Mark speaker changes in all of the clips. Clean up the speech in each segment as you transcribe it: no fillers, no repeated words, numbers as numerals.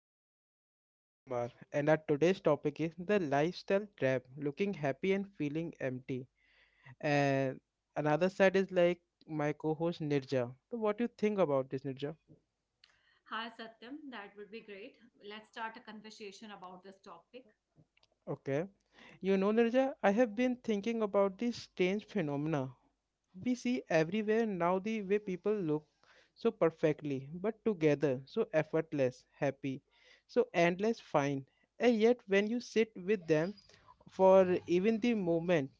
Speaker 1: host Satyam Kumar and our today's topic is the lifestyle trap, looking happy and feeling empty. And another side is like my co-host Nirja. So what do you think about this, Nirja?
Speaker 2: Hi, Satyam. That would be great. Let's start a conversation about this topic.
Speaker 1: Okay. You know Nirja, I have been thinking about this strange phenomena we see everywhere now, the way people look so perfectly but together, so effortless happy, so endless fine, and yet when you sit with them for even the moment,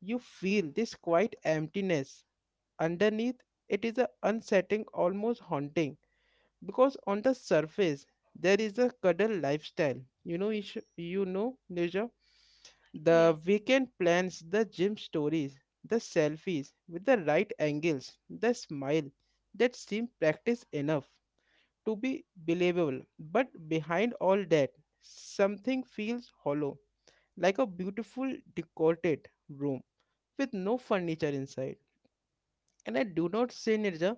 Speaker 1: you feel this quiet emptiness underneath. It is a unsettling, almost haunting, because on the surface there is a cuddle lifestyle. You know Nirja, the
Speaker 2: Yes,
Speaker 1: weekend plans, the gym stories, the selfies with the right angles, the smile that seem practiced enough to be believable, but behind all that something feels hollow, like a beautiful decorated room with no furniture inside. And I do not say, Nirja,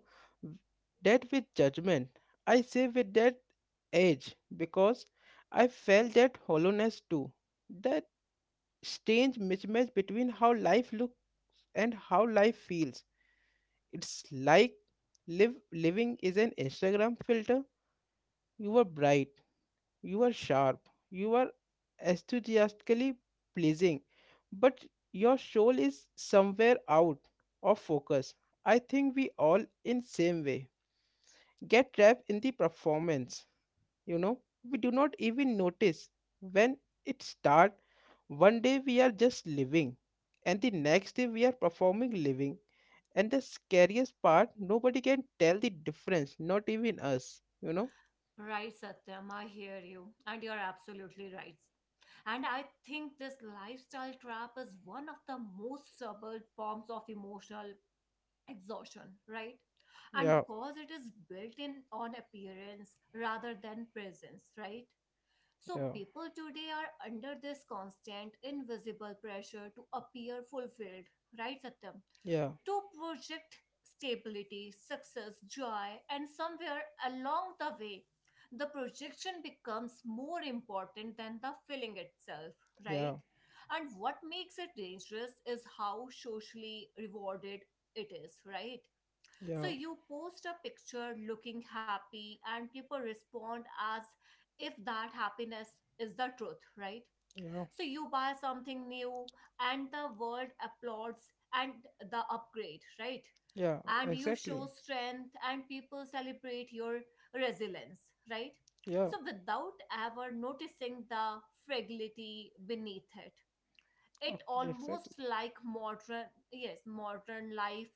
Speaker 1: that with judgment. I say with that edge because I felt that hollowness too. That strange mismatch between how life looks and how life feels. It's like live living is an Instagram filter. You were bright, you are sharp, you are enthusiastically pleasing, but your soul is somewhere out of focus. I think we all, in same way, get trapped in the performance. You know, we do not even notice when it start. One day we are just living, and the next day we are performing living. And the scariest part, nobody can tell the difference, not even us. You know?
Speaker 2: right, Satyam. I hear you. And you're absolutely right. And I think this lifestyle trap is one of the most subtle forms of emotional exhaustion, right? And
Speaker 1: Yeah,
Speaker 2: because it is built in on appearance rather than presence, right? So
Speaker 1: yeah,
Speaker 2: people today are under this constant invisible pressure to appear fulfilled, right, Satyam?
Speaker 1: yeah,
Speaker 2: To project stability, success, joy, and somewhere along the way, the projection becomes more important than the feeling itself, right?
Speaker 1: yeah,
Speaker 2: And what makes it dangerous is how socially rewarded it is, right? So
Speaker 1: yeah.
Speaker 2: you post a picture looking happy, and people respond as if that happiness is the truth, right?
Speaker 1: Yeah,
Speaker 2: So you buy something new, and the world applauds and the upgrade, right?
Speaker 1: yeah,
Speaker 2: And you show
Speaker 1: exactly.
Speaker 2: strength, and people celebrate your resilience, right?
Speaker 1: Yeah,
Speaker 2: So without ever noticing the fragility beneath it. It
Speaker 1: okay, exactly.
Speaker 2: almost like modern, yes, modern life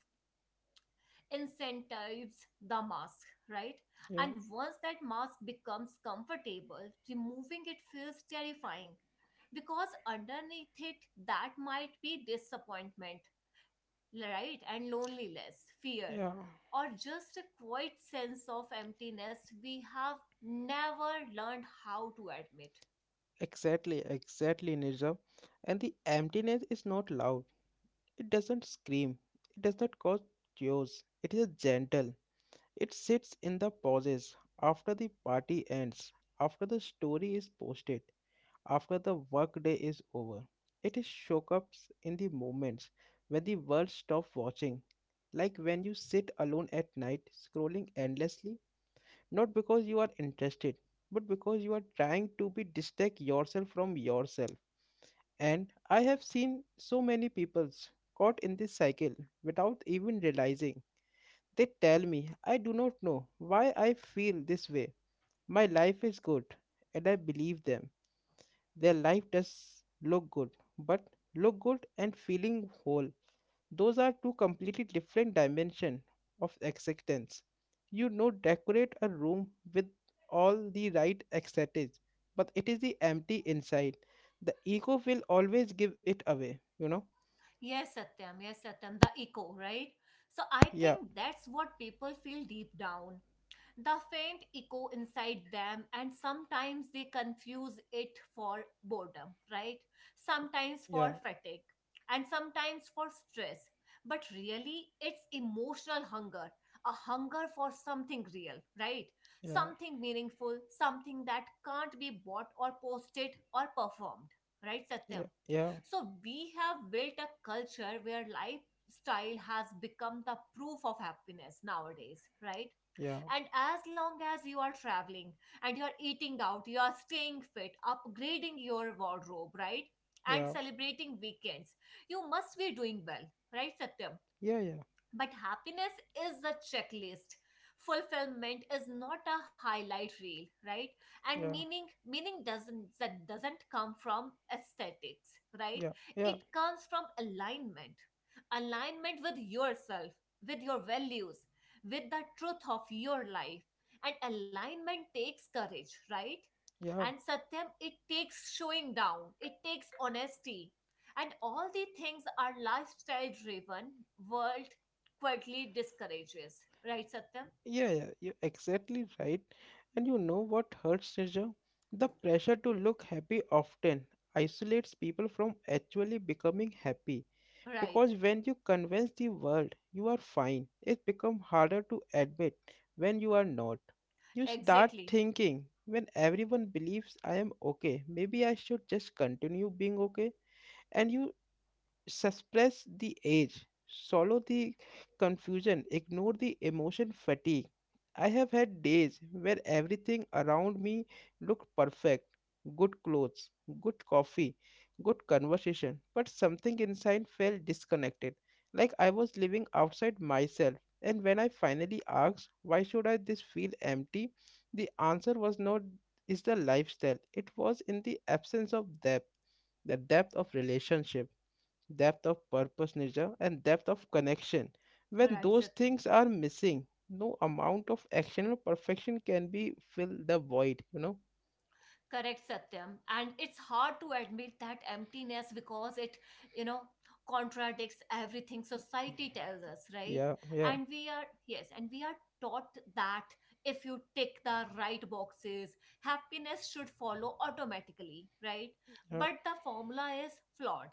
Speaker 2: incentives the mask, right?
Speaker 1: Yeah,
Speaker 2: And once that mask becomes comfortable, removing it feels terrifying because underneath it, that might be disappointment, right? And loneliness, fear,
Speaker 1: yeah,
Speaker 2: or just a quiet sense of emptiness we have never learned how to admit.
Speaker 1: exactly, exactly, Nirja. And the emptiness is not loud. It doesn't scream. It does not cause chaos. It is gentle. It sits in the pauses after the party ends, after the story is posted, after the workday is over. It is shook up in the moments when the world stops watching. Like when you sit alone at night, scrolling endlessly, not because you are interested, but because you are trying to be distinct yourself from yourself. And I have seen so many peoples caught in this cycle without even realizing. They tell me, I do not know why I feel this way. My life is good, and I believe them. Their life does look good, but look good and feeling whole, those are two completely different dimensions of acceptance. You know, decorate a room with all the right aesthetics, but it is the empty inside. The ego will always give it away, you know?
Speaker 2: Yes, Satyam, the echo, right? So I
Speaker 1: Yeah,
Speaker 2: think that's what people feel deep down, the faint echo inside them, and sometimes they confuse it for boredom, right? Sometimes for
Speaker 1: yeah,
Speaker 2: fatigue and sometimes for stress, but really it's emotional hunger, a hunger for something real, right?
Speaker 1: yeah,
Speaker 2: Something meaningful, something that can't be bought or posted or performed, right, Satyam?
Speaker 1: yeah, yeah,
Speaker 2: So we have built a culture where lifestyle has become the proof of happiness nowadays, right?
Speaker 1: yeah,
Speaker 2: And as long as you are traveling and you are eating out, you are staying fit, upgrading your wardrobe, right? And
Speaker 1: yeah,
Speaker 2: celebrating weekends, you must be doing well, right, Satya.
Speaker 1: yeah,
Speaker 2: But happiness is a checklist. Fulfillment is not a highlight reel, right? And
Speaker 1: yeah, yeah,
Speaker 2: meaning doesn't, that doesn't come from aesthetics, right?
Speaker 1: yeah, yeah,
Speaker 2: It comes from alignment. Alignment with yourself, with your values, with the truth of your life. And alignment takes courage, right?
Speaker 1: yeah.
Speaker 2: And Satyam, it takes showing down, it takes honesty. And all the things our lifestyle driven world quietly discourages. Right, Satyam?
Speaker 1: Yeah, yeah, you're exactly right. And you know what hurts, Srijan? The pressure to
Speaker 2: Yes.
Speaker 1: look happy often isolates people from actually becoming happy.
Speaker 2: Right.
Speaker 1: Because when you convince the world you are fine, it becomes harder to admit when you are not. You start
Speaker 2: Exactly.
Speaker 1: thinking, when everyone believes I am okay, maybe I should just continue being okay. And you suppress the age, swallow the confusion, ignore the emotion fatigue. I have had days where everything around me looked perfect, good clothes, good coffee, good conversation, but something inside felt disconnected, like I was living outside myself. And when I finally asked, why should I this feel empty? The answer was not is the lifestyle. It was in the absence of depth, the depth of relationship, depth of purpose, Nirja, and depth of connection. When
Speaker 2: Right,
Speaker 1: those
Speaker 2: Satyam.
Speaker 1: things are missing, no amount of action or perfection can be fill the void, you know?
Speaker 2: Correct, Satyam. And it's hard to admit that emptiness because it, you know, contradicts everything society tells us, right?
Speaker 1: Yeah, yeah,
Speaker 2: And we are, yes, and we are taught that if you tick the right boxes, happiness should follow automatically, right?
Speaker 1: yeah,
Speaker 2: But the formula is flawed.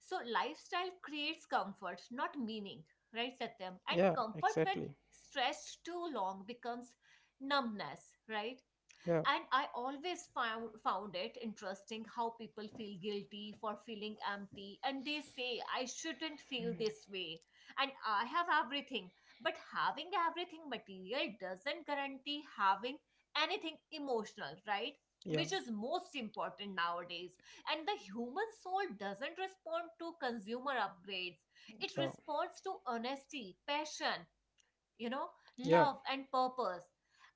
Speaker 2: So lifestyle creates comfort, not meaning, right, Satyam? And
Speaker 1: yeah,
Speaker 2: comfort, when
Speaker 1: exactly.
Speaker 2: stretched too long, becomes numbness, right?
Speaker 1: Yeah,
Speaker 2: And I always found it interesting how people feel guilty for feeling empty, and they say I shouldn't feel this way and I have everything, but having everything material doesn't guarantee having anything emotional, right?
Speaker 1: yeah,
Speaker 2: Which is most important nowadays. And the human soul doesn't respond to consumer upgrades, it
Speaker 1: yeah,
Speaker 2: responds to honesty, passion, you know,
Speaker 1: yeah.
Speaker 2: love and purpose.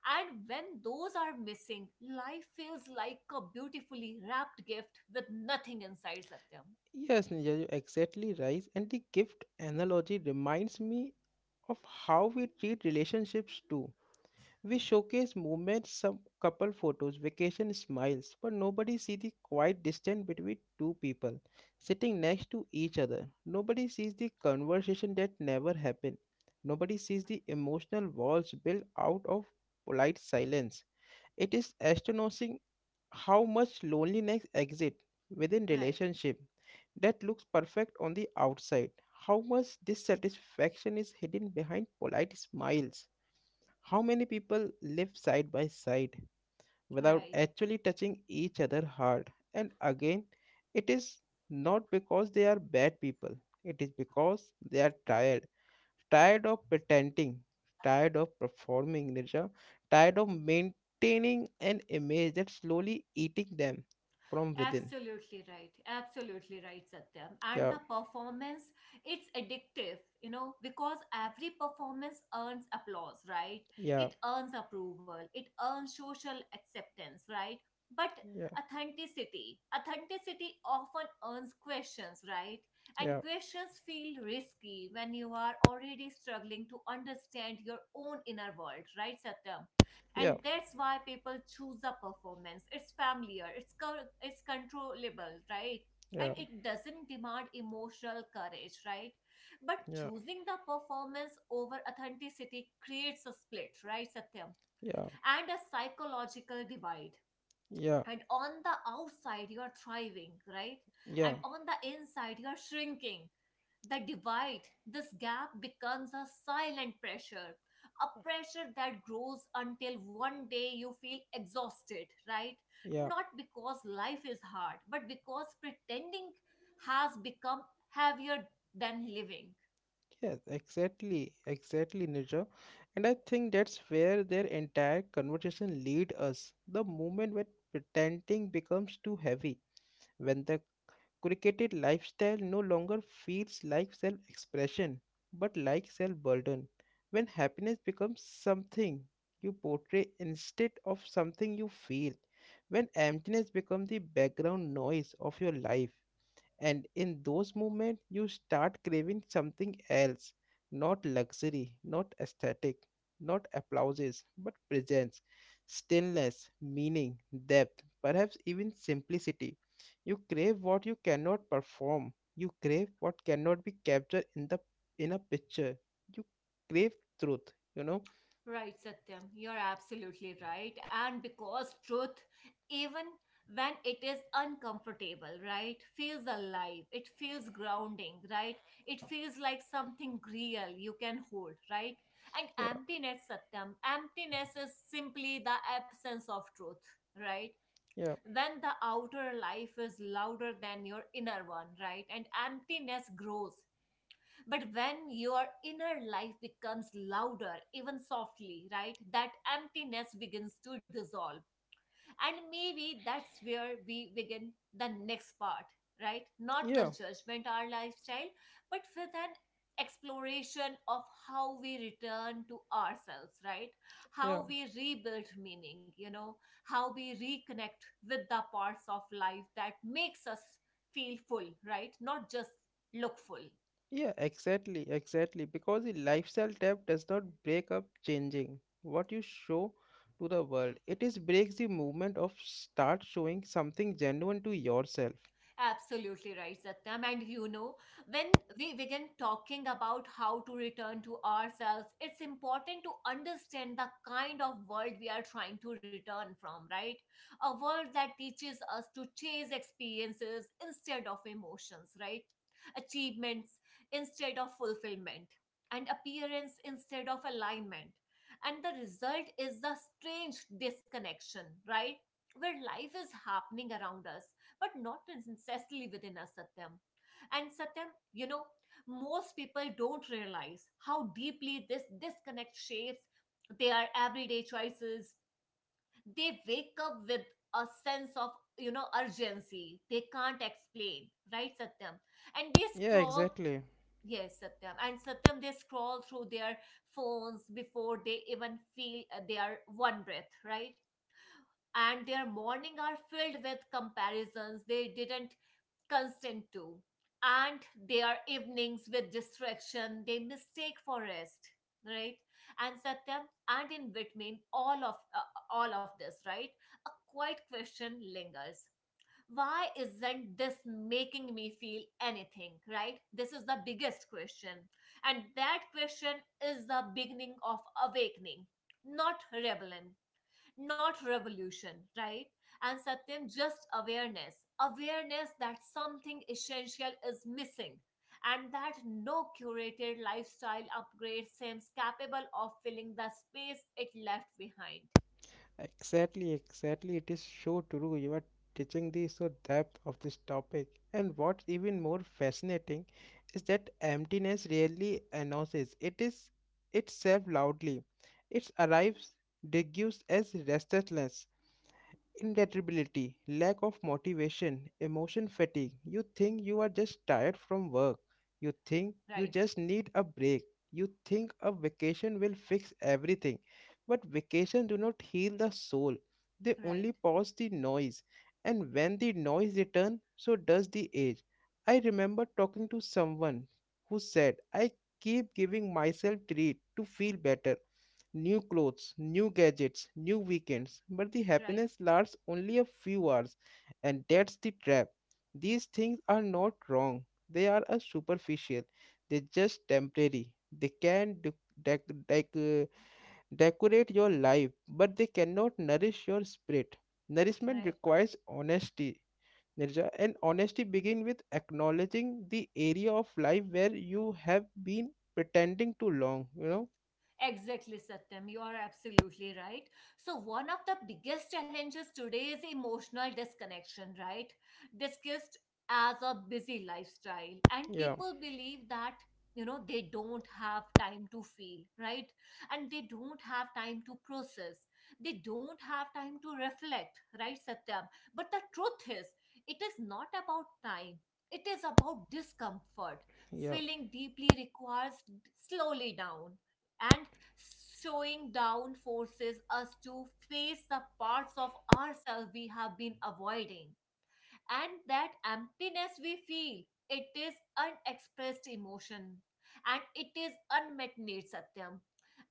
Speaker 2: And when those are missing, life feels like a beautifully wrapped gift with nothing inside, Satyam.
Speaker 1: Yes, Nirja, you're exactly right. And the gift analogy reminds me of how we treat relationships too. We showcase moments, some couple photos, vacation smiles, but nobody see the quiet distance between two people sitting next to each other. Nobody sees the conversation that never happened. Nobody sees the emotional walls built out of polite silence. It is astonishing how much loneliness exists within
Speaker 2: Right,
Speaker 1: relationship that looks perfect on the outside. How much dissatisfaction is hidden behind polite smiles. How many people live side by side without
Speaker 2: right.
Speaker 1: actually touching each other hard? And again, it is not because they are bad people, it is because they are tired. Tired of pretending, tired of performing, Nirja, tired of maintaining an image that's slowly eating them from within.
Speaker 2: Absolutely right. Absolutely right, Satyam. And
Speaker 1: Yeah,
Speaker 2: the performance, it's addictive, because every performance earns applause, right?
Speaker 1: yeah,
Speaker 2: It earns approval, it earns social acceptance, right? But
Speaker 1: yeah,
Speaker 2: authenticity often earns questions, right? And
Speaker 1: yeah,
Speaker 2: questions feel risky when you are already struggling to understand your own inner world, right, Satyam? And
Speaker 1: yeah,
Speaker 2: that's why people choose a performance. It's familiar, it's controllable, right? And
Speaker 1: yeah,
Speaker 2: it doesn't demand emotional courage, right? But
Speaker 1: yeah,
Speaker 2: choosing the performance over authenticity creates a split, right, Satyam?
Speaker 1: yeah,
Speaker 2: And a psychological divide,
Speaker 1: yeah,
Speaker 2: and on the outside you are thriving, right?
Speaker 1: yeah,
Speaker 2: And on the inside you are shrinking. The divide, this gap becomes a silent pressure, a pressure that grows until one day you feel exhausted, right?
Speaker 1: yeah.
Speaker 2: Not because life is hard, but because pretending has become heavier than living.
Speaker 1: Yes, exactly, exactly, Nirja. And I think that's where their entire conversation lead us. The moment when pretending becomes too heavy, when the cricketed lifestyle no longer feels like self-expression, but like self-burden. When happiness becomes something you portray instead of something you feel. When emptiness becomes the background noise of your life, and in those moments, you start craving something else, not luxury, not aesthetic, not applauses, but presence, stillness, meaning, depth, perhaps even simplicity. You crave what you cannot perform, you crave what cannot be captured in the in a picture. You crave truth, you know?
Speaker 2: Right, Satyam, you're absolutely right. And because truth, even when it is uncomfortable, right, feels alive, it feels grounding, right? It feels like something real you can hold, right? And
Speaker 1: Yeah,
Speaker 2: emptiness, Satyam, emptiness is simply the absence of truth, right?
Speaker 1: yeah,
Speaker 2: When the outer life is louder than your inner one, right? And emptiness grows, but when your inner life becomes louder, even softly, right, that emptiness begins to dissolve. And maybe that's where we begin the next part, right? Not
Speaker 1: yeah,
Speaker 2: with judgment our lifestyle, but with an exploration of how we return to ourselves, right?
Speaker 1: yeah.
Speaker 2: How we rebuild meaning, how we reconnect with the parts of life that makes us feel full, right? Not just look full.
Speaker 1: Yeah, exactly, exactly. Because the lifestyle tab does not break up changing what you show to the world. It is breaks the movement of start showing something genuine to yourself.
Speaker 2: Absolutely right, Satyam. And when we begin talking about how to return to ourselves, it's important to understand the kind of world we are trying to return from, right? A world that teaches us to chase experiences instead of emotions, right? Achievements instead of fulfillment, and appearance instead of alignment. And the result is the strange disconnection, right? Where life is happening around us but not necessarily within us, Satyam. And Satyam, most people don't realize how deeply this disconnect shapes their everyday choices. They wake up with a sense of urgency they can't explain, right, Satyam? And they
Speaker 1: Yeah,
Speaker 2: scroll,
Speaker 1: exactly.
Speaker 2: yes Satyam, and Satyam they scroll through their phones before they even feel their one breath, right? And their morning are filled with comparisons they didn't constant too. And their evenings with distraction, they mistake for rest, right? And Satyam, and in between all of this, right? A quiet question lingers. Why isn't this making me feel anything, right? This is the biggest question. And that question is the beginning of awakening, not rebellion, not revolution, right? And Satyam, just awareness. Awareness that something essential is missing and that no curated lifestyle upgrade seems capable of filling the space it left behind.
Speaker 1: Exactly, exactly. It is so true. You are teaching the so depth of this topic. And what's even more fascinating is that emptiness rarely announces. It is itself loudly. It arrives, degues as restlessness. Indelibility, lack of motivation, emotion fatigue. You think you are just tired from work. You think you
Speaker 2: Right,
Speaker 1: just need a break. You think a vacation will fix everything. But vacations do not heal the soul. They
Speaker 2: right,
Speaker 1: only pause the noise. And when the noise returns, so does the age. I remember talking to someone who said, I keep giving myself treat to feel better, new clothes, new gadgets, new weekends, but the
Speaker 2: right,
Speaker 1: happiness lasts only a few hours, and that's the trap. These things are not wrong, they are a superficial, they're just temporary. They can dec- dec- uh, decorate your life, but they cannot nourish your spirit. Nourishment
Speaker 2: right.
Speaker 1: requires honesty. Nirja, and honesty begins with acknowledging the area of life where you have been pretending too long, you know?
Speaker 2: Exactly, Satyam. You are absolutely right. So, one of the biggest challenges today is emotional disconnection, right? Discussed as a busy lifestyle. And
Speaker 1: Yeah,
Speaker 2: people believe that, they don't have time to feel, right? And they don't have time to process. They don't have time to reflect, right, Satyam? But the truth is, it is not about time. It is about discomfort.
Speaker 1: yeah.
Speaker 2: Feeling deeply requires slowly down and slowing down forces us to face the parts of ourselves we have been avoiding. And that emptiness we feel, it is unexpressed emotion. And it is unmet needs, Satyam.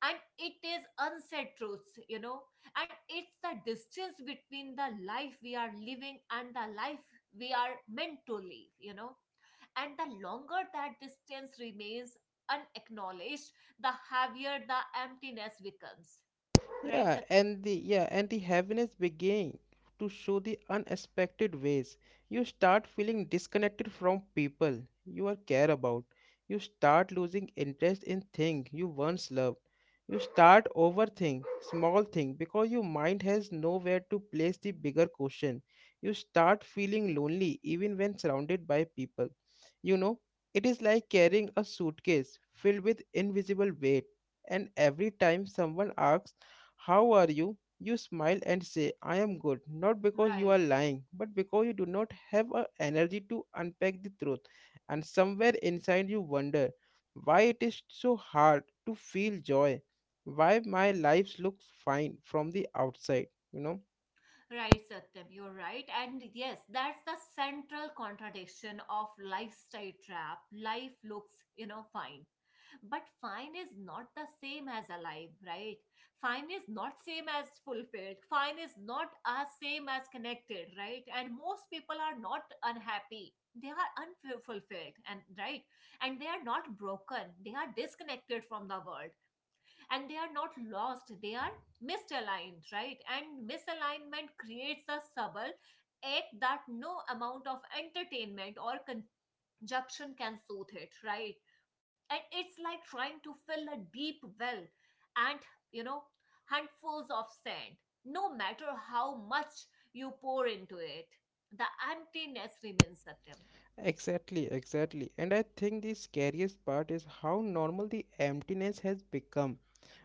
Speaker 2: And it is unsaid truths. And it's the distance between the life we are living and the life we are meant to live, and the longer that distance remains unacknowledged, the heavier the emptiness becomes. Right, Satyam?
Speaker 1: Yeah, and the heaviness began to show the unexpected ways. You start feeling disconnected from people you are care about. You start losing interest in things you once loved. You start overthink small thing because your mind has nowhere to place the bigger question. You start feeling lonely even when surrounded by people. You know, it is like carrying a suitcase filled with invisible weight, and every time someone asks how are you? You smile and say, I am good, not because you
Speaker 2: Right,
Speaker 1: are lying, but because you do not have a energy to unpack the truth. And somewhere inside you wonder why it is so hard to feel joy, why my life looks fine from the outside, you know?
Speaker 2: right, Satyam, you're right. And yes, that's the central contradiction of lifestyle trap. Life looks, fine. But fine is not the same as alive, right? Fine is not same as fulfilled, fine is not as same as connected, right? And most people are not unhappy, they are unfulfilled. And right, and they are not broken, they are disconnected from the world. And they are not lost, they are misaligned, right? And misalignment creates a subtle ache that no amount of entertainment or conjunction can soothe it, right? And it's like trying to fill a deep well and, you know handfuls of sand, no matter how much you pour into it, the emptiness remains the—
Speaker 1: Exactly, exactly. And I think the scariest part is how normal the emptiness has become.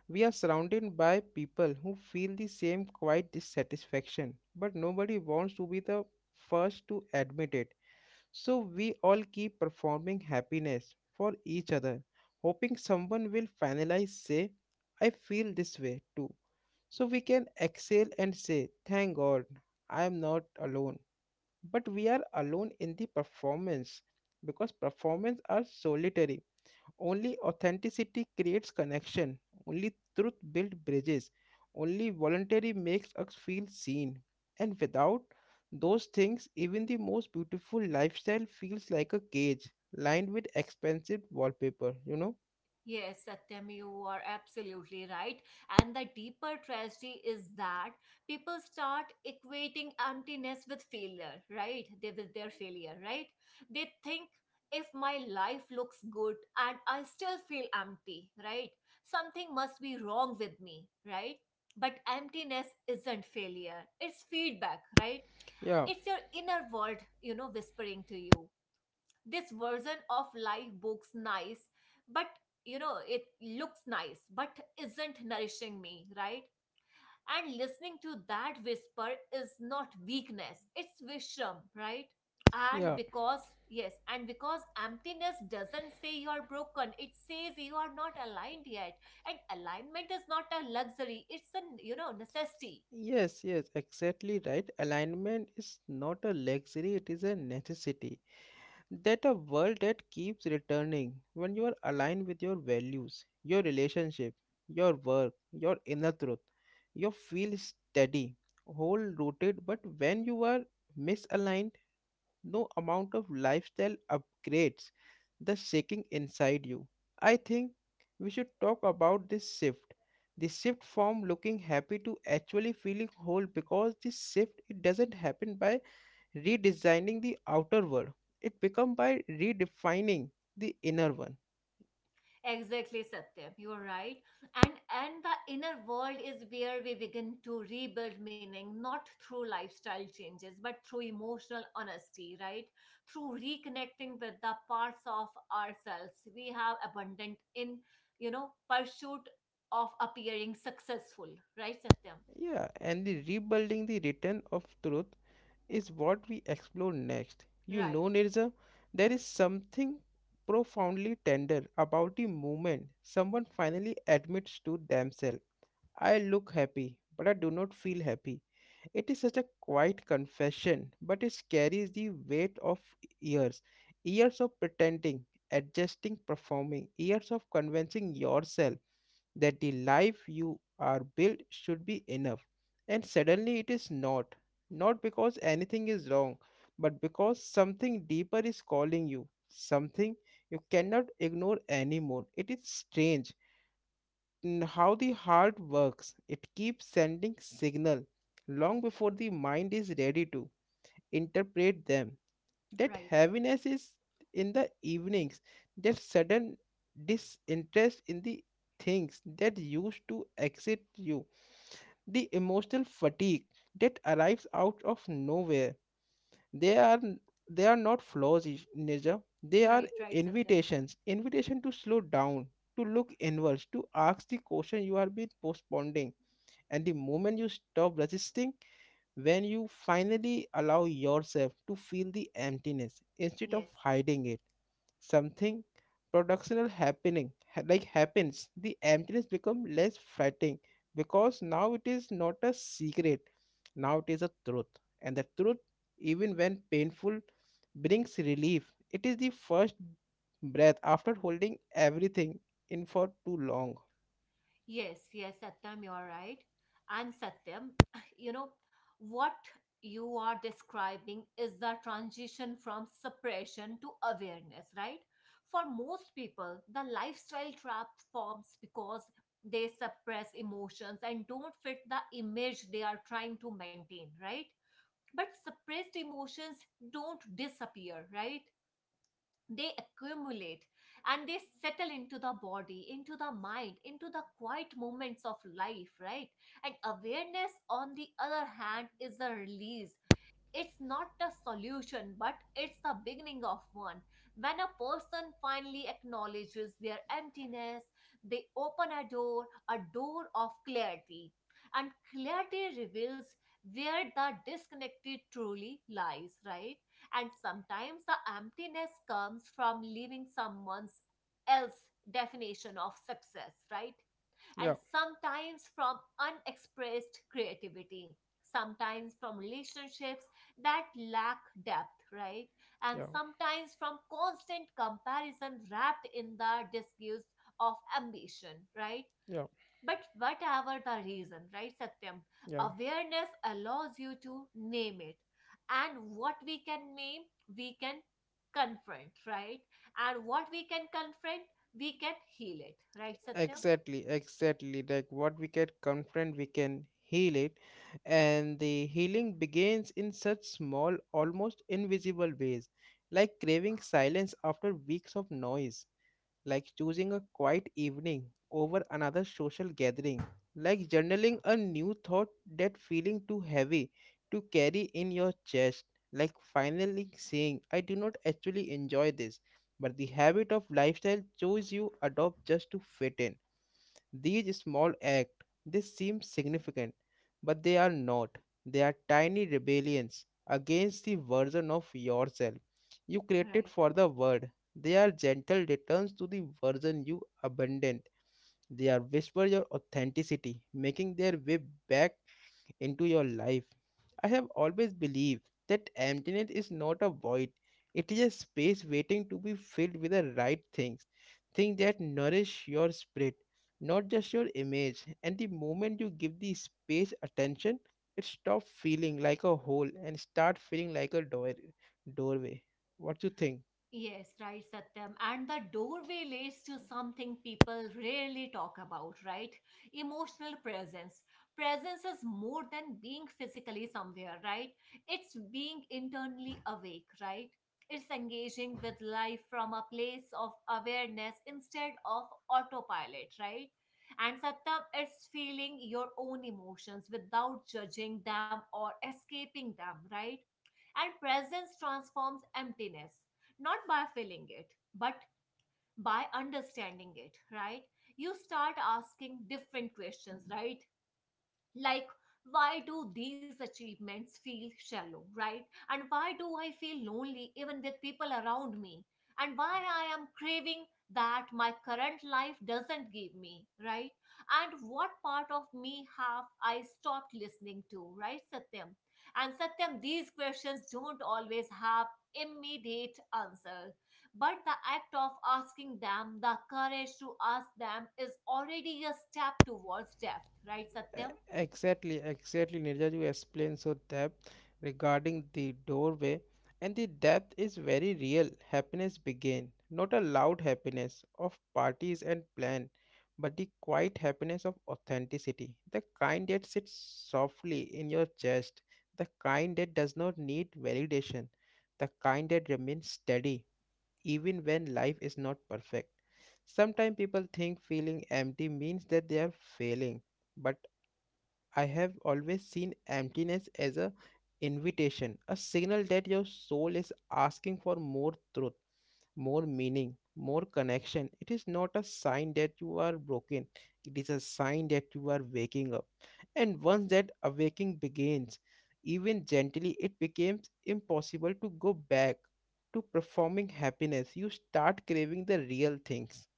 Speaker 1: We are surrounded by people who feel the same quiet dissatisfaction, but nobody wants to be the first to admit it. So we all keep performing happiness for each other, hoping someone will finally say, I feel this way too. So we can exhale and say, Thank God, I am not alone. But we are alone in the performance because performance are solitary, only authenticity creates connection. Only truth builds bridges. Only voluntary makes us feel seen. And without those things, even the most beautiful lifestyle feels like a cage lined with expensive wallpaper, you know?
Speaker 2: Yes, Satyam, you are absolutely right. And the deeper tragedy is that people start equating emptiness with failure, right? They, with their failure, right? They think if my life looks good and I still feel empty, right? Something must be wrong with me, right? But emptiness isn't failure, it's feedback, right?
Speaker 1: Yeah,
Speaker 2: It's your inner world, whispering to you this version of life books nice, but it looks nice but isn't nourishing me, right? And listening to that whisper is not weakness, it's wisdom, right? And
Speaker 1: yeah.
Speaker 2: because, yes, and because emptiness doesn't say you are broken, it says you are not aligned yet. And alignment is not a luxury, it's a, necessity.
Speaker 1: Yes, yes, exactly right. Alignment is not a luxury, it is a necessity. That a world that keeps returning when you are aligned with your values, your relationship, your work, your inner truth. You feel steady, whole rooted, but when you are misaligned, no amount of lifestyle upgrades the shaking inside you. I think we should talk about this shift. The shift from looking happy to actually feeling whole because this shift it doesn't happen by redesigning the outer world. It become by redefining the inner one.
Speaker 2: Exactly, Satyam. You're right. And the inner world is where we begin to rebuild meaning, not through lifestyle changes, but through emotional honesty, right? Through reconnecting with the parts of ourselves we have abundant in, pursuit of appearing successful, right, Satyam?
Speaker 1: Yeah, and the rebuilding the return of truth is what we explore next. You
Speaker 2: Right,
Speaker 1: know, Nirza, there is something profoundly tender about the moment someone finally admits to themselves, I look happy, but I do not feel happy. It is such a quiet confession, but it carries the weight of years. Years of pretending, adjusting, performing, years of convincing yourself that the life you are built should be enough. And suddenly it is not. Not because anything is wrong, but because something deeper is calling you. Something you cannot ignore anymore. It is strange how the heart works. It keeps sending signal long before the mind is ready to interpret them. That
Speaker 2: right,
Speaker 1: heaviness is in the evenings, that sudden disinterest in the things that used to excite you, the emotional fatigue that arrives out of nowhere, they are they are not flaws nature, they are
Speaker 2: right, right, Satyam.
Speaker 1: invitation to slow down, to look inwards, to ask the question you have been postponing. And the moment you stop resisting, when you finally allow yourself to feel the emptiness instead of
Speaker 2: Yes.
Speaker 1: hiding it, something like happens, the emptiness become less frightening because now it is not a secret, now it is a truth. And the truth, even when painful, brings relief. It is the first breath after holding everything in for too long.
Speaker 2: Yes, yes, Satyam, you're right. And Satyam, you know, what you are describing is the transition from suppression to awareness, right? For most people, the lifestyle trap forms because they suppress emotions and don't fit the image they are trying to maintain, right? But suppressed emotions don't disappear, right? They accumulate and they settle into the body, into the mind, into the quiet moments of life, right? And awareness on the other hand is a release. It's not the solution, but it's the beginning of one. When a person finally acknowledges their emptiness, they open a door of clarity. And clarity reveals where the disconnected truly lies, right? And sometimes the emptiness comes from leaving someone's else definition of success, right? And
Speaker 1: Yeah,
Speaker 2: sometimes from unexpressed creativity, sometimes from relationships that lack depth, right? And
Speaker 1: yeah,
Speaker 2: sometimes from constant comparison wrapped in the disguise of ambition, right?
Speaker 1: yeah,
Speaker 2: But whatever the reason, right, Satyam,
Speaker 1: yeah.
Speaker 2: awareness allows you to name it. And what we can name, we can confront, right? And what we can confront, we can heal it, right, Satyam?
Speaker 1: Exactly, exactly. Like what we get confront, we can heal it. And the healing begins in such small, almost invisible ways, like craving silence after weeks of noise, like choosing a quiet evening over another social gathering, like journaling a new thought that feeling too heavy to carry in your chest, like finally saying, I do not actually enjoy this, but the habit of lifestyle choice you adopt just to fit in. These small acts, they seem significant, but they are not. They are tiny rebellions against the version of yourself you created
Speaker 2: Right.
Speaker 1: for the world. They are gentle returns to the version you abandoned. They are whisper your authenticity, making their way back into your life. I have always believed that emptiness is not a void. It is a space waiting to be filled with the right things, things that nourish your spirit, not just your image. And the moment you give the space attention, it stops feeling like a hole and start feeling like a doorway. What you think?
Speaker 2: Yes, right, Satyam. And the doorway leads to something people rarely talk about, right? Emotional presence. Presence is more than being physically somewhere, right? It's being internally awake, right? It's engaging with life from a place of awareness instead of autopilot, right? And Satyam, it's feeling your own emotions without judging them or escaping them, right? And presence transforms emptiness, not by filling it, but by understanding it, right? You start asking different questions, right? Like why do these achievements feel shallow, right? And why do I feel lonely even with people around me? And why I am craving that my current life doesn't give me, right? And what part of me have I stopped listening to, right, Satyam? And Satyam, these questions don't always have immediate answers, but the act of asking them, the courage to ask them, is already a step towards depth, right, Satyam?
Speaker 1: E- Exactly, exactly, Nirja, you explained so depth regarding the doorway, and the depth is very real. Happiness begin, not a loud happiness of parties and plan, but the quiet happiness of authenticity, the kind that sits softly in your chest, the kind that does not need validation, the kind that remains steady even when life is not perfect. Sometimes people think feeling empty means that they are failing. But I have always seen emptiness as a invitation, a signal that your soul is asking for more truth, more meaning, more connection. It is not a sign that you are broken. It is a sign that you are waking up. And once that awakening begins, even gently, it becomes impossible to go back to performing happiness. You start craving the real things,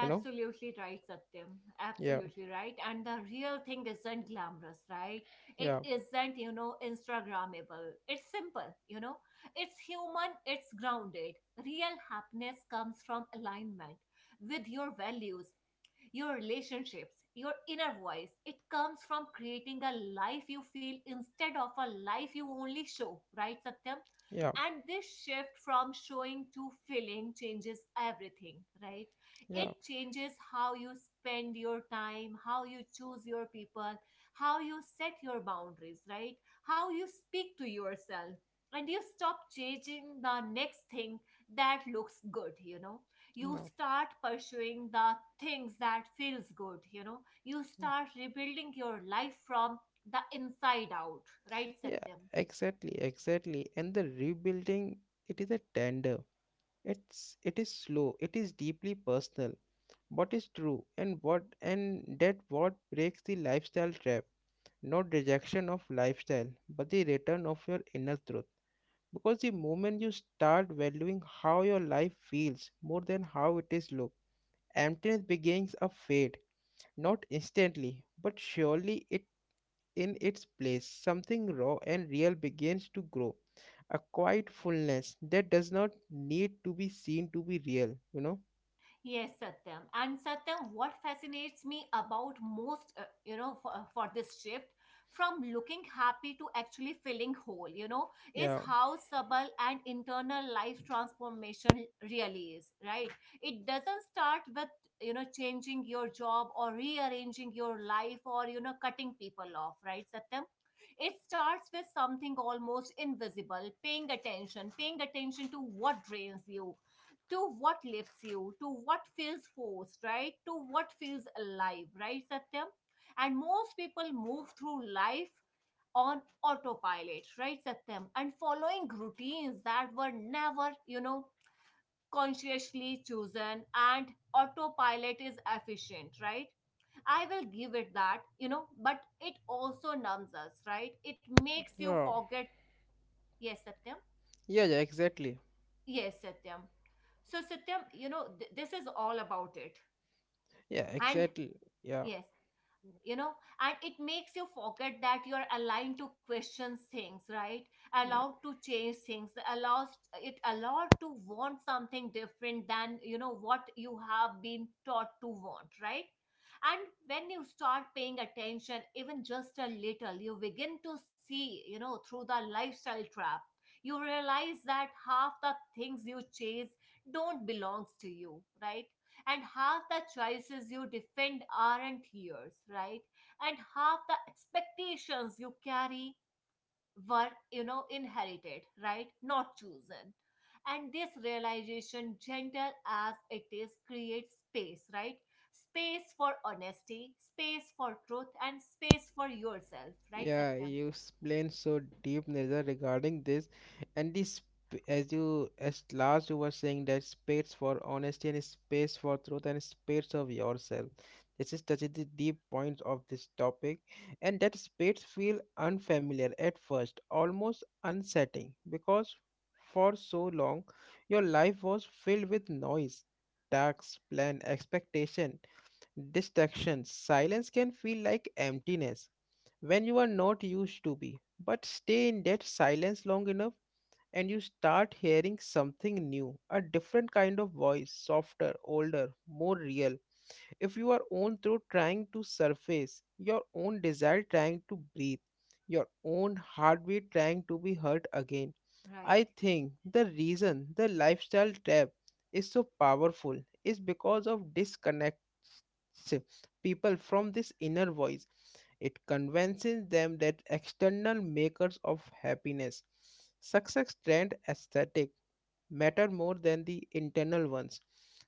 Speaker 1: you know?
Speaker 2: right, Satyam.
Speaker 1: Yeah,
Speaker 2: Absolutely right. And the real thing isn't glamorous, right? It
Speaker 1: yeah,
Speaker 2: isn't, Instagrammable. It's simple, It's human, it's grounded. Real happiness comes from alignment with your values, your relationships, your inner voice. It comes from creating a life you feel instead of a life you only show, right, Satyam?
Speaker 1: yeah,
Speaker 2: And this shift from showing to feeling changes everything, right? It
Speaker 1: yeah,
Speaker 2: changes how you spend your time, how you choose your people, how you set your boundaries, right? How you speak to yourself. And you stop chasing the next thing that looks good. You
Speaker 1: yeah.
Speaker 2: start pursuing the things that feels good. You start rebuilding your life from the inside out, right,
Speaker 1: Yeah,
Speaker 2: Satyam?
Speaker 1: exactly, exactly. And the rebuilding, it is a tender. It is slow. It is deeply personal. What is true and what and that what breaks the lifestyle trap. Not rejection of lifestyle, but the return of your inner truth. Because the moment you start valuing how your life feels more than how it is look, emptiness begins a fade. Not instantly, but surely it in its place, something raw and real begins to grow. A quiet fullness that does not need to be seen to be real, you know?
Speaker 2: Yes, Satyam. And Satyam, what fascinates me about most, for this shift from looking happy to actually feeling whole, is
Speaker 1: Yeah,
Speaker 2: how subtle and internal life transformation really is, right? It doesn't start with, changing your job or rearranging your life or, cutting people off, right, Satyam? It starts with something almost invisible, paying attention to what drains you, to what lifts you, to what feels forced, right? To what feels alive, right, Satyam? And most people move through life on autopilot, right, Satyam? And following routines that were never, consciously chosen. And autopilot is efficient, right? I will give it that, but it also numbs us, right? It makes you
Speaker 1: yeah,
Speaker 2: forget. Yes, Satyam.
Speaker 1: yeah, yeah, exactly.
Speaker 2: Yes, Satyam. So, Satyam, this is all about it.
Speaker 1: Yeah,
Speaker 2: And
Speaker 1: exactly. Yeah.
Speaker 2: yes, you know, and it makes you forget that you're aligned to question things, right? Allowed to change things, allows it allowed to want something different than what you have been taught to want, right? And when you start paying attention, even just a little, you begin to see, through the lifestyle trap. You realize that half the things you chase don't belongs to you, right? And half the choices you defend aren't yours, right? And half the expectations you carry were inherited, right, not chosen. And this realization, gentle as it is, creates space, right? Space for honesty, space for truth, and space for yourself, right,
Speaker 1: Yeah,
Speaker 2: Satyam?
Speaker 1: you explained so deep, Nirza, regarding this, and this as you as last you were saying that space for honesty and space for truth and space of yourself. This is touches the deep points of this topic, and that space feel unfamiliar at first, almost unsettling, because for so long your life was filled with noise, tasks, plan, expectation, distractions. Silence can feel like emptiness when you are not used to be. But stay in that silence long enough and you start hearing something new, a different kind of voice, softer, older, more real if you are own through trying to surface, your own desire trying to breathe, your own heartbeat trying to be heard again.
Speaker 2: Right,
Speaker 1: I think the reason the lifestyle trap is so powerful is because of disconnect people from this inner voice. It convinces them that external makers of happiness, success trend aesthetic matter more than the internal ones.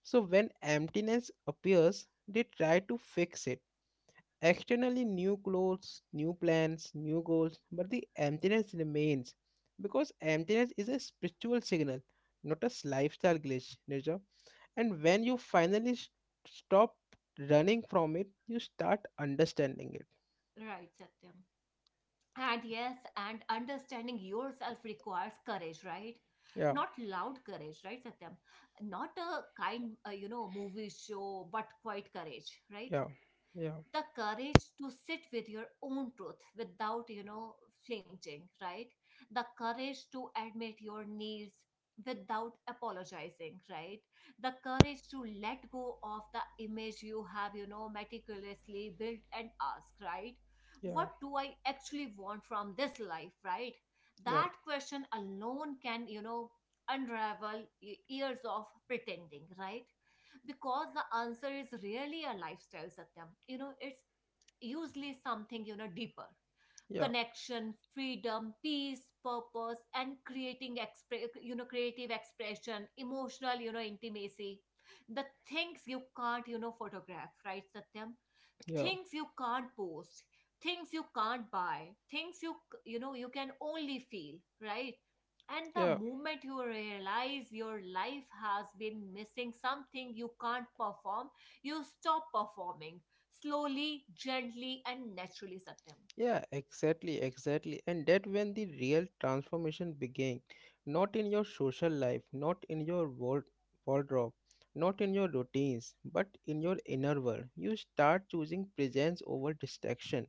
Speaker 1: So when emptiness appears, they try to fix it. Externally, new clothes, new plans, new goals, but the emptiness remains because emptiness is a spiritual signal, not a lifestyle glitch, Nirja. And when you finally stop running from it, you start understanding it.
Speaker 2: right, Satyam. And yes, and understanding yourself requires courage, right?
Speaker 1: Yeah,
Speaker 2: Not loud courage, right, Satyam? Not a kind, movie show, but quite courage, right?
Speaker 1: yeah, yeah,
Speaker 2: The courage to sit with your own truth without flinching, right? The courage to admit your needs without apologizing, right? The courage to let go of the image you have meticulously built and ask, right,
Speaker 1: yeah,
Speaker 2: what do I actually want from this life, right?
Speaker 1: yeah,
Speaker 2: That question alone can unravel years of pretending, right? Because the answer is really a lifestyle, Satyam, it's usually something deeper
Speaker 1: yeah,
Speaker 2: connection, freedom, peace, purpose, and creating creative expression, emotional intimacy, the things you can't photograph, right, Satyam?
Speaker 1: yeah,
Speaker 2: Things you can't post, things you can't buy, things you you know you can only feel, right? And the
Speaker 1: yeah.
Speaker 2: moment you realize your life has been missing something you can't perform, you stop performing, slowly, gently, and naturally, Satyam.
Speaker 1: Yeah, exactly, exactly. And that when the real transformation began, not in your social life, not in your wardrobe, not in your routines, but in your inner world. You start choosing presence over distraction,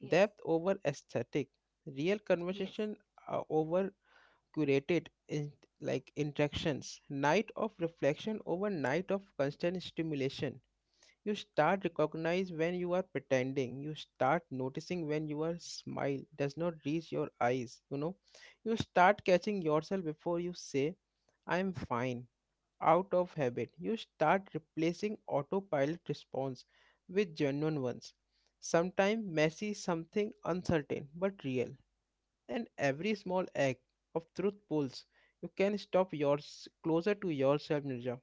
Speaker 2: Yes.
Speaker 1: depth over aesthetic, real
Speaker 2: Yes.
Speaker 1: conversation over curated in, like interactions, night of reflection over night of constant stimulation. You start recognize when you are pretending. You start noticing when your smile does not reach your eyes. You know, you start catching yourself before you say, I'm fine, out of habit. You start replacing autopilot response with genuine ones. Sometimes messy, something uncertain but real. And every small act of truth pulls. You can stop yours closer to yourself, Nirja.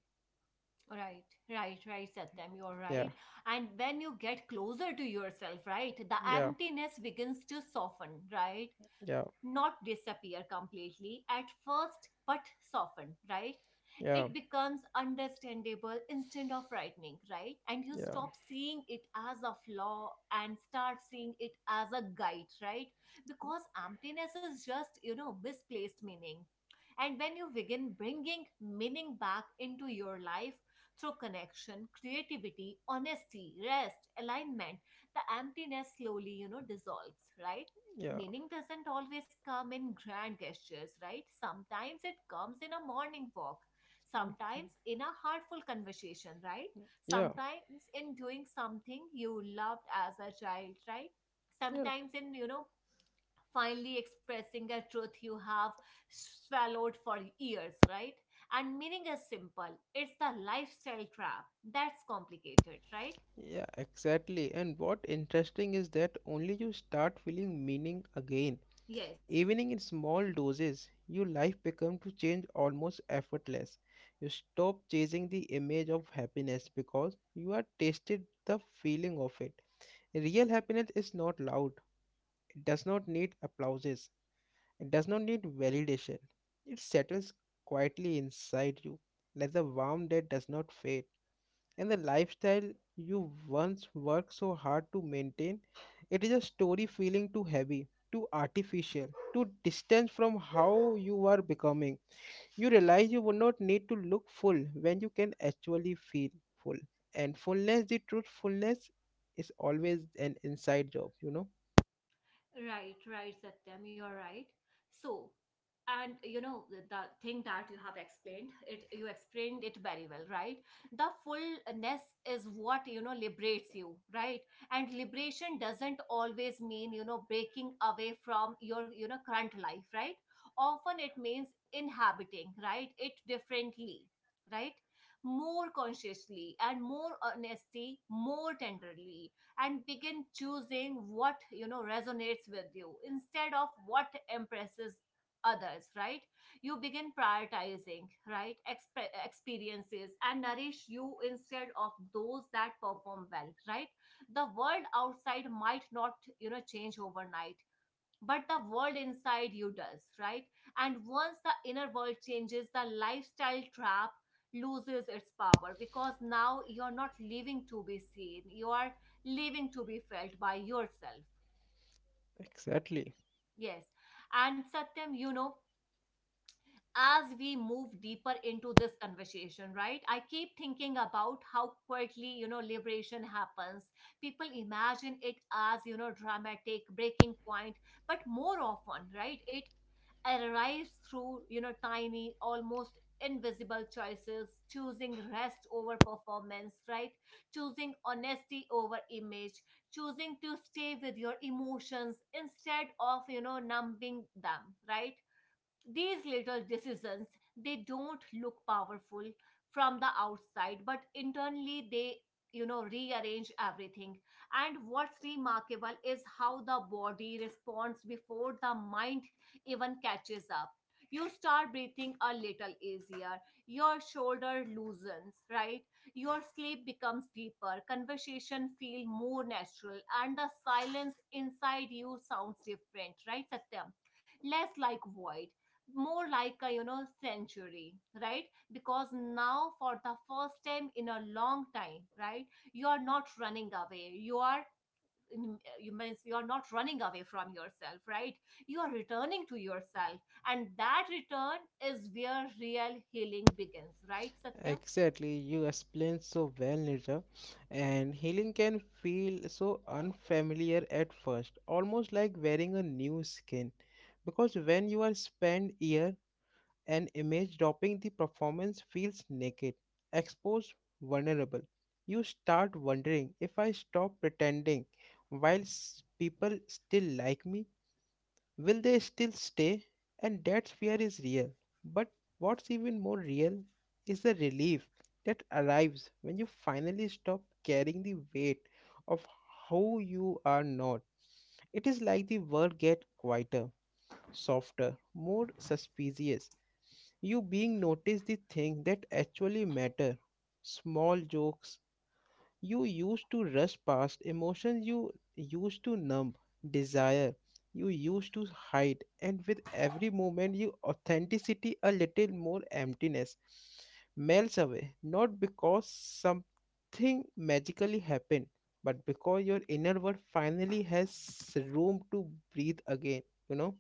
Speaker 2: Right, Satyam, you're
Speaker 1: Yeah,
Speaker 2: right. And when you get closer to yourself, right, the
Speaker 1: yeah,
Speaker 2: emptiness begins to soften, right?
Speaker 1: yeah,
Speaker 2: Not disappear completely at first, but soften, right?
Speaker 1: yeah,
Speaker 2: It becomes understandable instead of frightening, right? And you
Speaker 1: yeah,
Speaker 2: stop seeing it as a flaw and start seeing it as a guide, right? Because emptiness is just misplaced meaning, and when you begin bringing meaning back into your life through connection, creativity, honesty, rest, alignment, the emptiness slowly, dissolves, right?
Speaker 1: yeah.
Speaker 2: Meaning doesn't always come in grand gestures, right? Sometimes it comes in a morning walk, sometimes in a heartful conversation, right?
Speaker 1: Yeah,
Speaker 2: Sometimes in doing something you loved as a child, right?
Speaker 1: yeah,
Speaker 2: Sometimes in, finally expressing a truth you have swallowed for years, right? And meaning is simple. It's the lifestyle trap that's complicated, right?
Speaker 1: yeah, exactly. And what interesting is that only you start feeling meaning again.
Speaker 2: Yes.
Speaker 1: Even in small doses, your life becomes to change almost effortless. You stop chasing the image of happiness because you are tasted the feeling of it. Real happiness is not loud. It does not need applauses. It does not need validation. It settles quietly inside you, like the warmth that does not fade. And the lifestyle you once worked so hard to maintain. It is a story feeling too heavy, too artificial, too distant from how you are becoming. You realize you would not need to look full when you can actually feel full. And fullness, the truthfulness, is always an inside job, you know?
Speaker 2: Right, right, Satyam, you're right. So, and you know the thing that you have explained it you explained it very well, right? The fullness is what liberates you, right? And liberation doesn't always mean breaking away from your current life, right? Often it means inhabiting, right, it differently, right, more consciously and more honestly, more tenderly, and begin choosing what resonates with you instead of what impresses others, right? You begin prioritizing, right, experiences and nourish you instead of those that perform well, right? The world outside might not change overnight, but the world inside you does, right? And once the inner world changes, the lifestyle trap loses its power because now you're not living to be seen, you are living to be felt by yourself.
Speaker 1: Exactly.
Speaker 2: Yes. And Satyam, you know, as we move deeper into this conversation, right, I keep thinking about how quietly, liberation happens. People imagine it as, dramatic breaking point, but more often, right, it arrives through, tiny, almost invisible choices, choosing rest over performance, right? Choosing honesty over image, choosing to stay with your emotions instead of, numbing them, right? These little decisions, they don't look powerful from the outside, but internally they, rearrange everything. And what's remarkable is how the body responds before the mind even catches up. You start breathing a little easier, your shoulder loosens, right? Your sleep becomes deeper, conversation feel more natural, and the silence inside you sounds different, right, Satyam? Less like void, more like a, century, right? Because now, for the first time in a long time, right, you are not running away, you are not running away from yourself, right? You are returning to yourself, and that return is where real healing begins, right, Satyam?
Speaker 1: Exactly, you explained so well, Nirja. And healing can feel so unfamiliar at first, almost like wearing a new skin. Because when you are spent here, an image dropping the performance feels naked, exposed, vulnerable. You start wondering if I stop pretending while people still like me, will they still stay? And that fear is real. But what's even more real is the relief that arrives when you finally stop carrying the weight of who you are not. It is like the world gets quieter, softer, more suspicious. You being noticed the things that actually matter. Small jokes, you used to rush past emotions you used to numb, desire you used to hide, and with every moment, you authenticity a little more emptiness melts away, not because something magically happened, but because your inner world finally has room to breathe again, you know.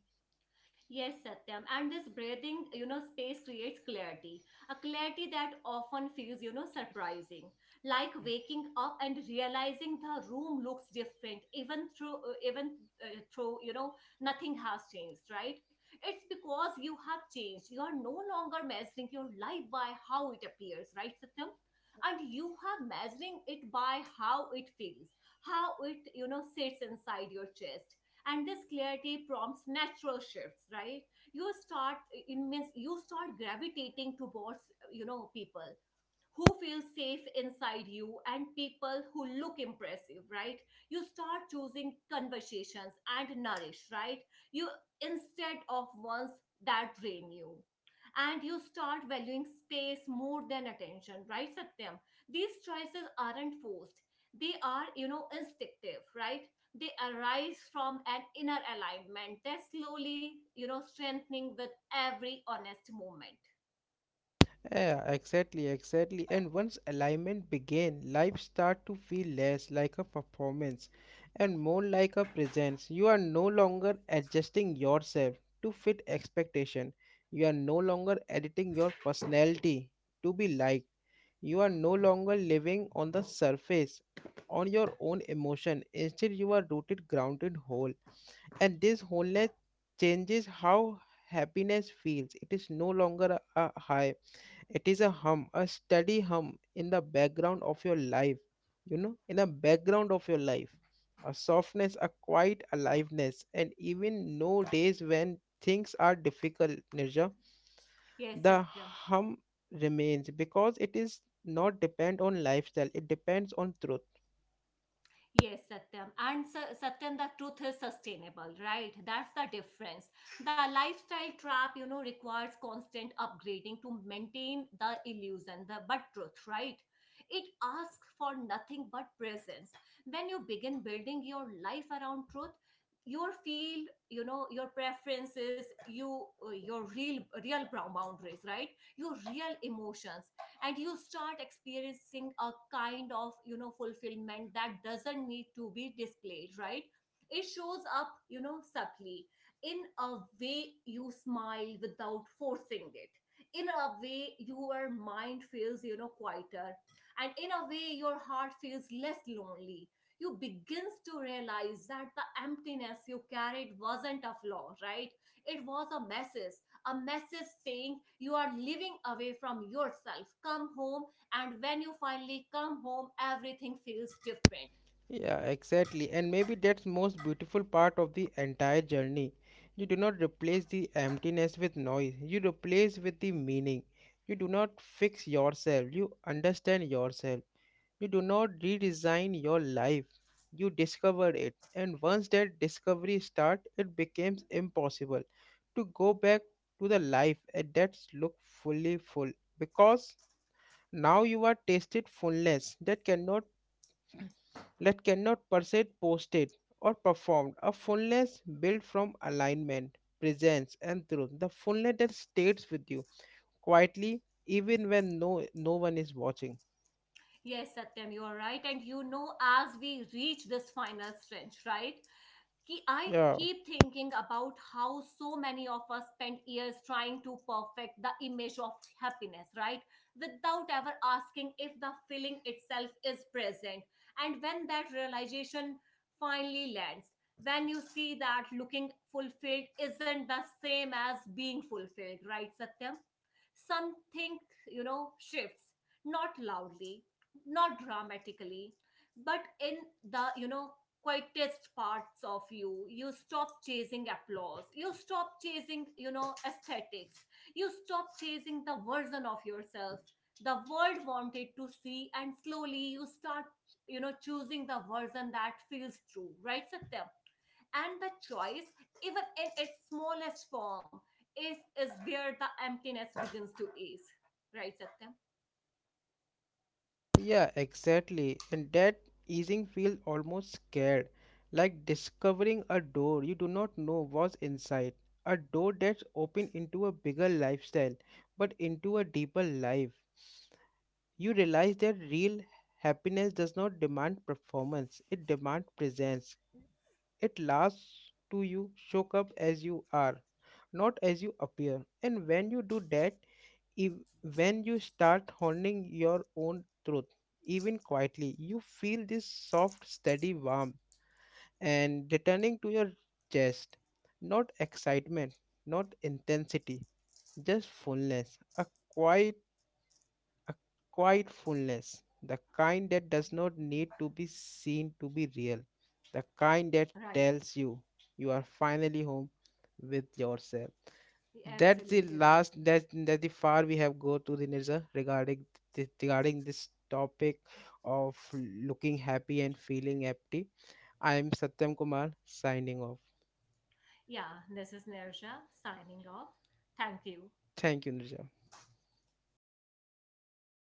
Speaker 2: Yes, Satyam. And this breathing, space creates clarity. A clarity that often feels, surprising. Like waking up and realizing the room looks different, even through, nothing has changed, right? It's because you have changed. You are no longer measuring your life by how it appears, right, Satyam? And you have measuring it by how it feels, how it, sits inside your chest. And this clarity prompts natural shifts, right? You start gravitating towards people who feel safe inside you and people who look impressive, right? You start choosing conversations and nourish, right, you, instead of ones that drain you, and you start valuing space more than attention, right, Satyam? These choices aren't forced, they are, instinctive, right? They arise from an inner alignment that's slowly, strengthening with every honest moment.
Speaker 1: Yeah, exactly, exactly. And once alignment began, life start to feel less like a performance and more like a presence. You are no longer adjusting yourself to fit expectation. You are no longer editing your personality to be liked. You are no longer living on the surface on your own emotion. Instead, you are rooted, grounded, whole. And this wholeness changes how happiness feels. It is no longer a high, it is a hum, a steady hum in the background of your life, you know, in the background of your life. A softness, a quiet aliveness, and even no days when things are difficult, Nirja,
Speaker 2: Yes,
Speaker 1: the
Speaker 2: Satyam.
Speaker 1: hum remains because it is not depend on lifestyle, it depends on truth.
Speaker 2: Yes, Satyam. And Satyam, the truth is sustainable, right? That's the difference. The lifestyle trap, requires constant upgrading to maintain the illusion, the but truth, right? It asks for nothing but presence. When you begin building your life around truth, your field, your preferences, your real brown boundaries, right? Your real emotions, and you start experiencing a kind of, fulfillment that doesn't need to be displayed, right? It shows up, subtly, in a way you smile without forcing it, in a way your mind feels, quieter, and in a way your heart feels less lonely. You begins to realize that the emptiness you carried wasn't a flaw, right? It was a message, a message saying you are living away from yourself. Come home, and when you finally come home, everything feels different.
Speaker 1: Yeah, exactly. And maybe that's most beautiful part of the entire journey. You do not replace the emptiness with noise. You replace with the meaning. You do not fix yourself. You understand yourself. You do not redesign your life. You discover it. And once that discovery starts, it becomes impossible to go back to the life and that look fully full because now you are tasted fullness that cannot per se posted or performed. A fullness built from alignment, presence, and truth. The fullness that stays with you quietly, even when no one is watching.
Speaker 2: Yes, Satyam, you are right. And you know, as we reach this final stretch, right? Ki I
Speaker 1: Yeah,
Speaker 2: keep thinking about how so many of us spend years trying to perfect the image of happiness, right? Without ever asking if the feeling itself is present. And when that realization finally lands, when you see that looking fulfilled isn't the same as being fulfilled, right, Satyam? Something, shifts, not loudly, not dramatically, but in the, quietest parts of you. You stop chasing applause, you stop chasing, aesthetics, you stop chasing the version of yourself the world wanted to see, and slowly you start, choosing the version that feels true, right, Satya. And the choice, even in its smallest form, is is where the emptiness begins to ease, right, Satya.
Speaker 1: yeah, exactly. And that easing feels almost scared, like discovering a door you do not know was inside. A door that's open into a bigger lifestyle, but into a deeper life. You realize that real happiness does not demand performance, it demands presence. It lasts to you, show up as you are, not as you appear. And when you do that, if, when you start honing your own truth, even quietly, you feel this soft, steady warmth and returning to your chest. Not excitement, not intensity, just fullness, a quiet fullness, the kind that does not need to be seen to be real, the kind that
Speaker 2: Right.
Speaker 1: tells you you are finally home with yourself. That's the
Speaker 2: Absolutely right, sir.
Speaker 1: last that the far we have go to the Nirza regarding regarding this topic of looking happy and feeling empty. I am Satyam Kumar signing off.
Speaker 2: Yeah, this is Nirsha signing off. Thank you.
Speaker 1: Thank you, Nirja.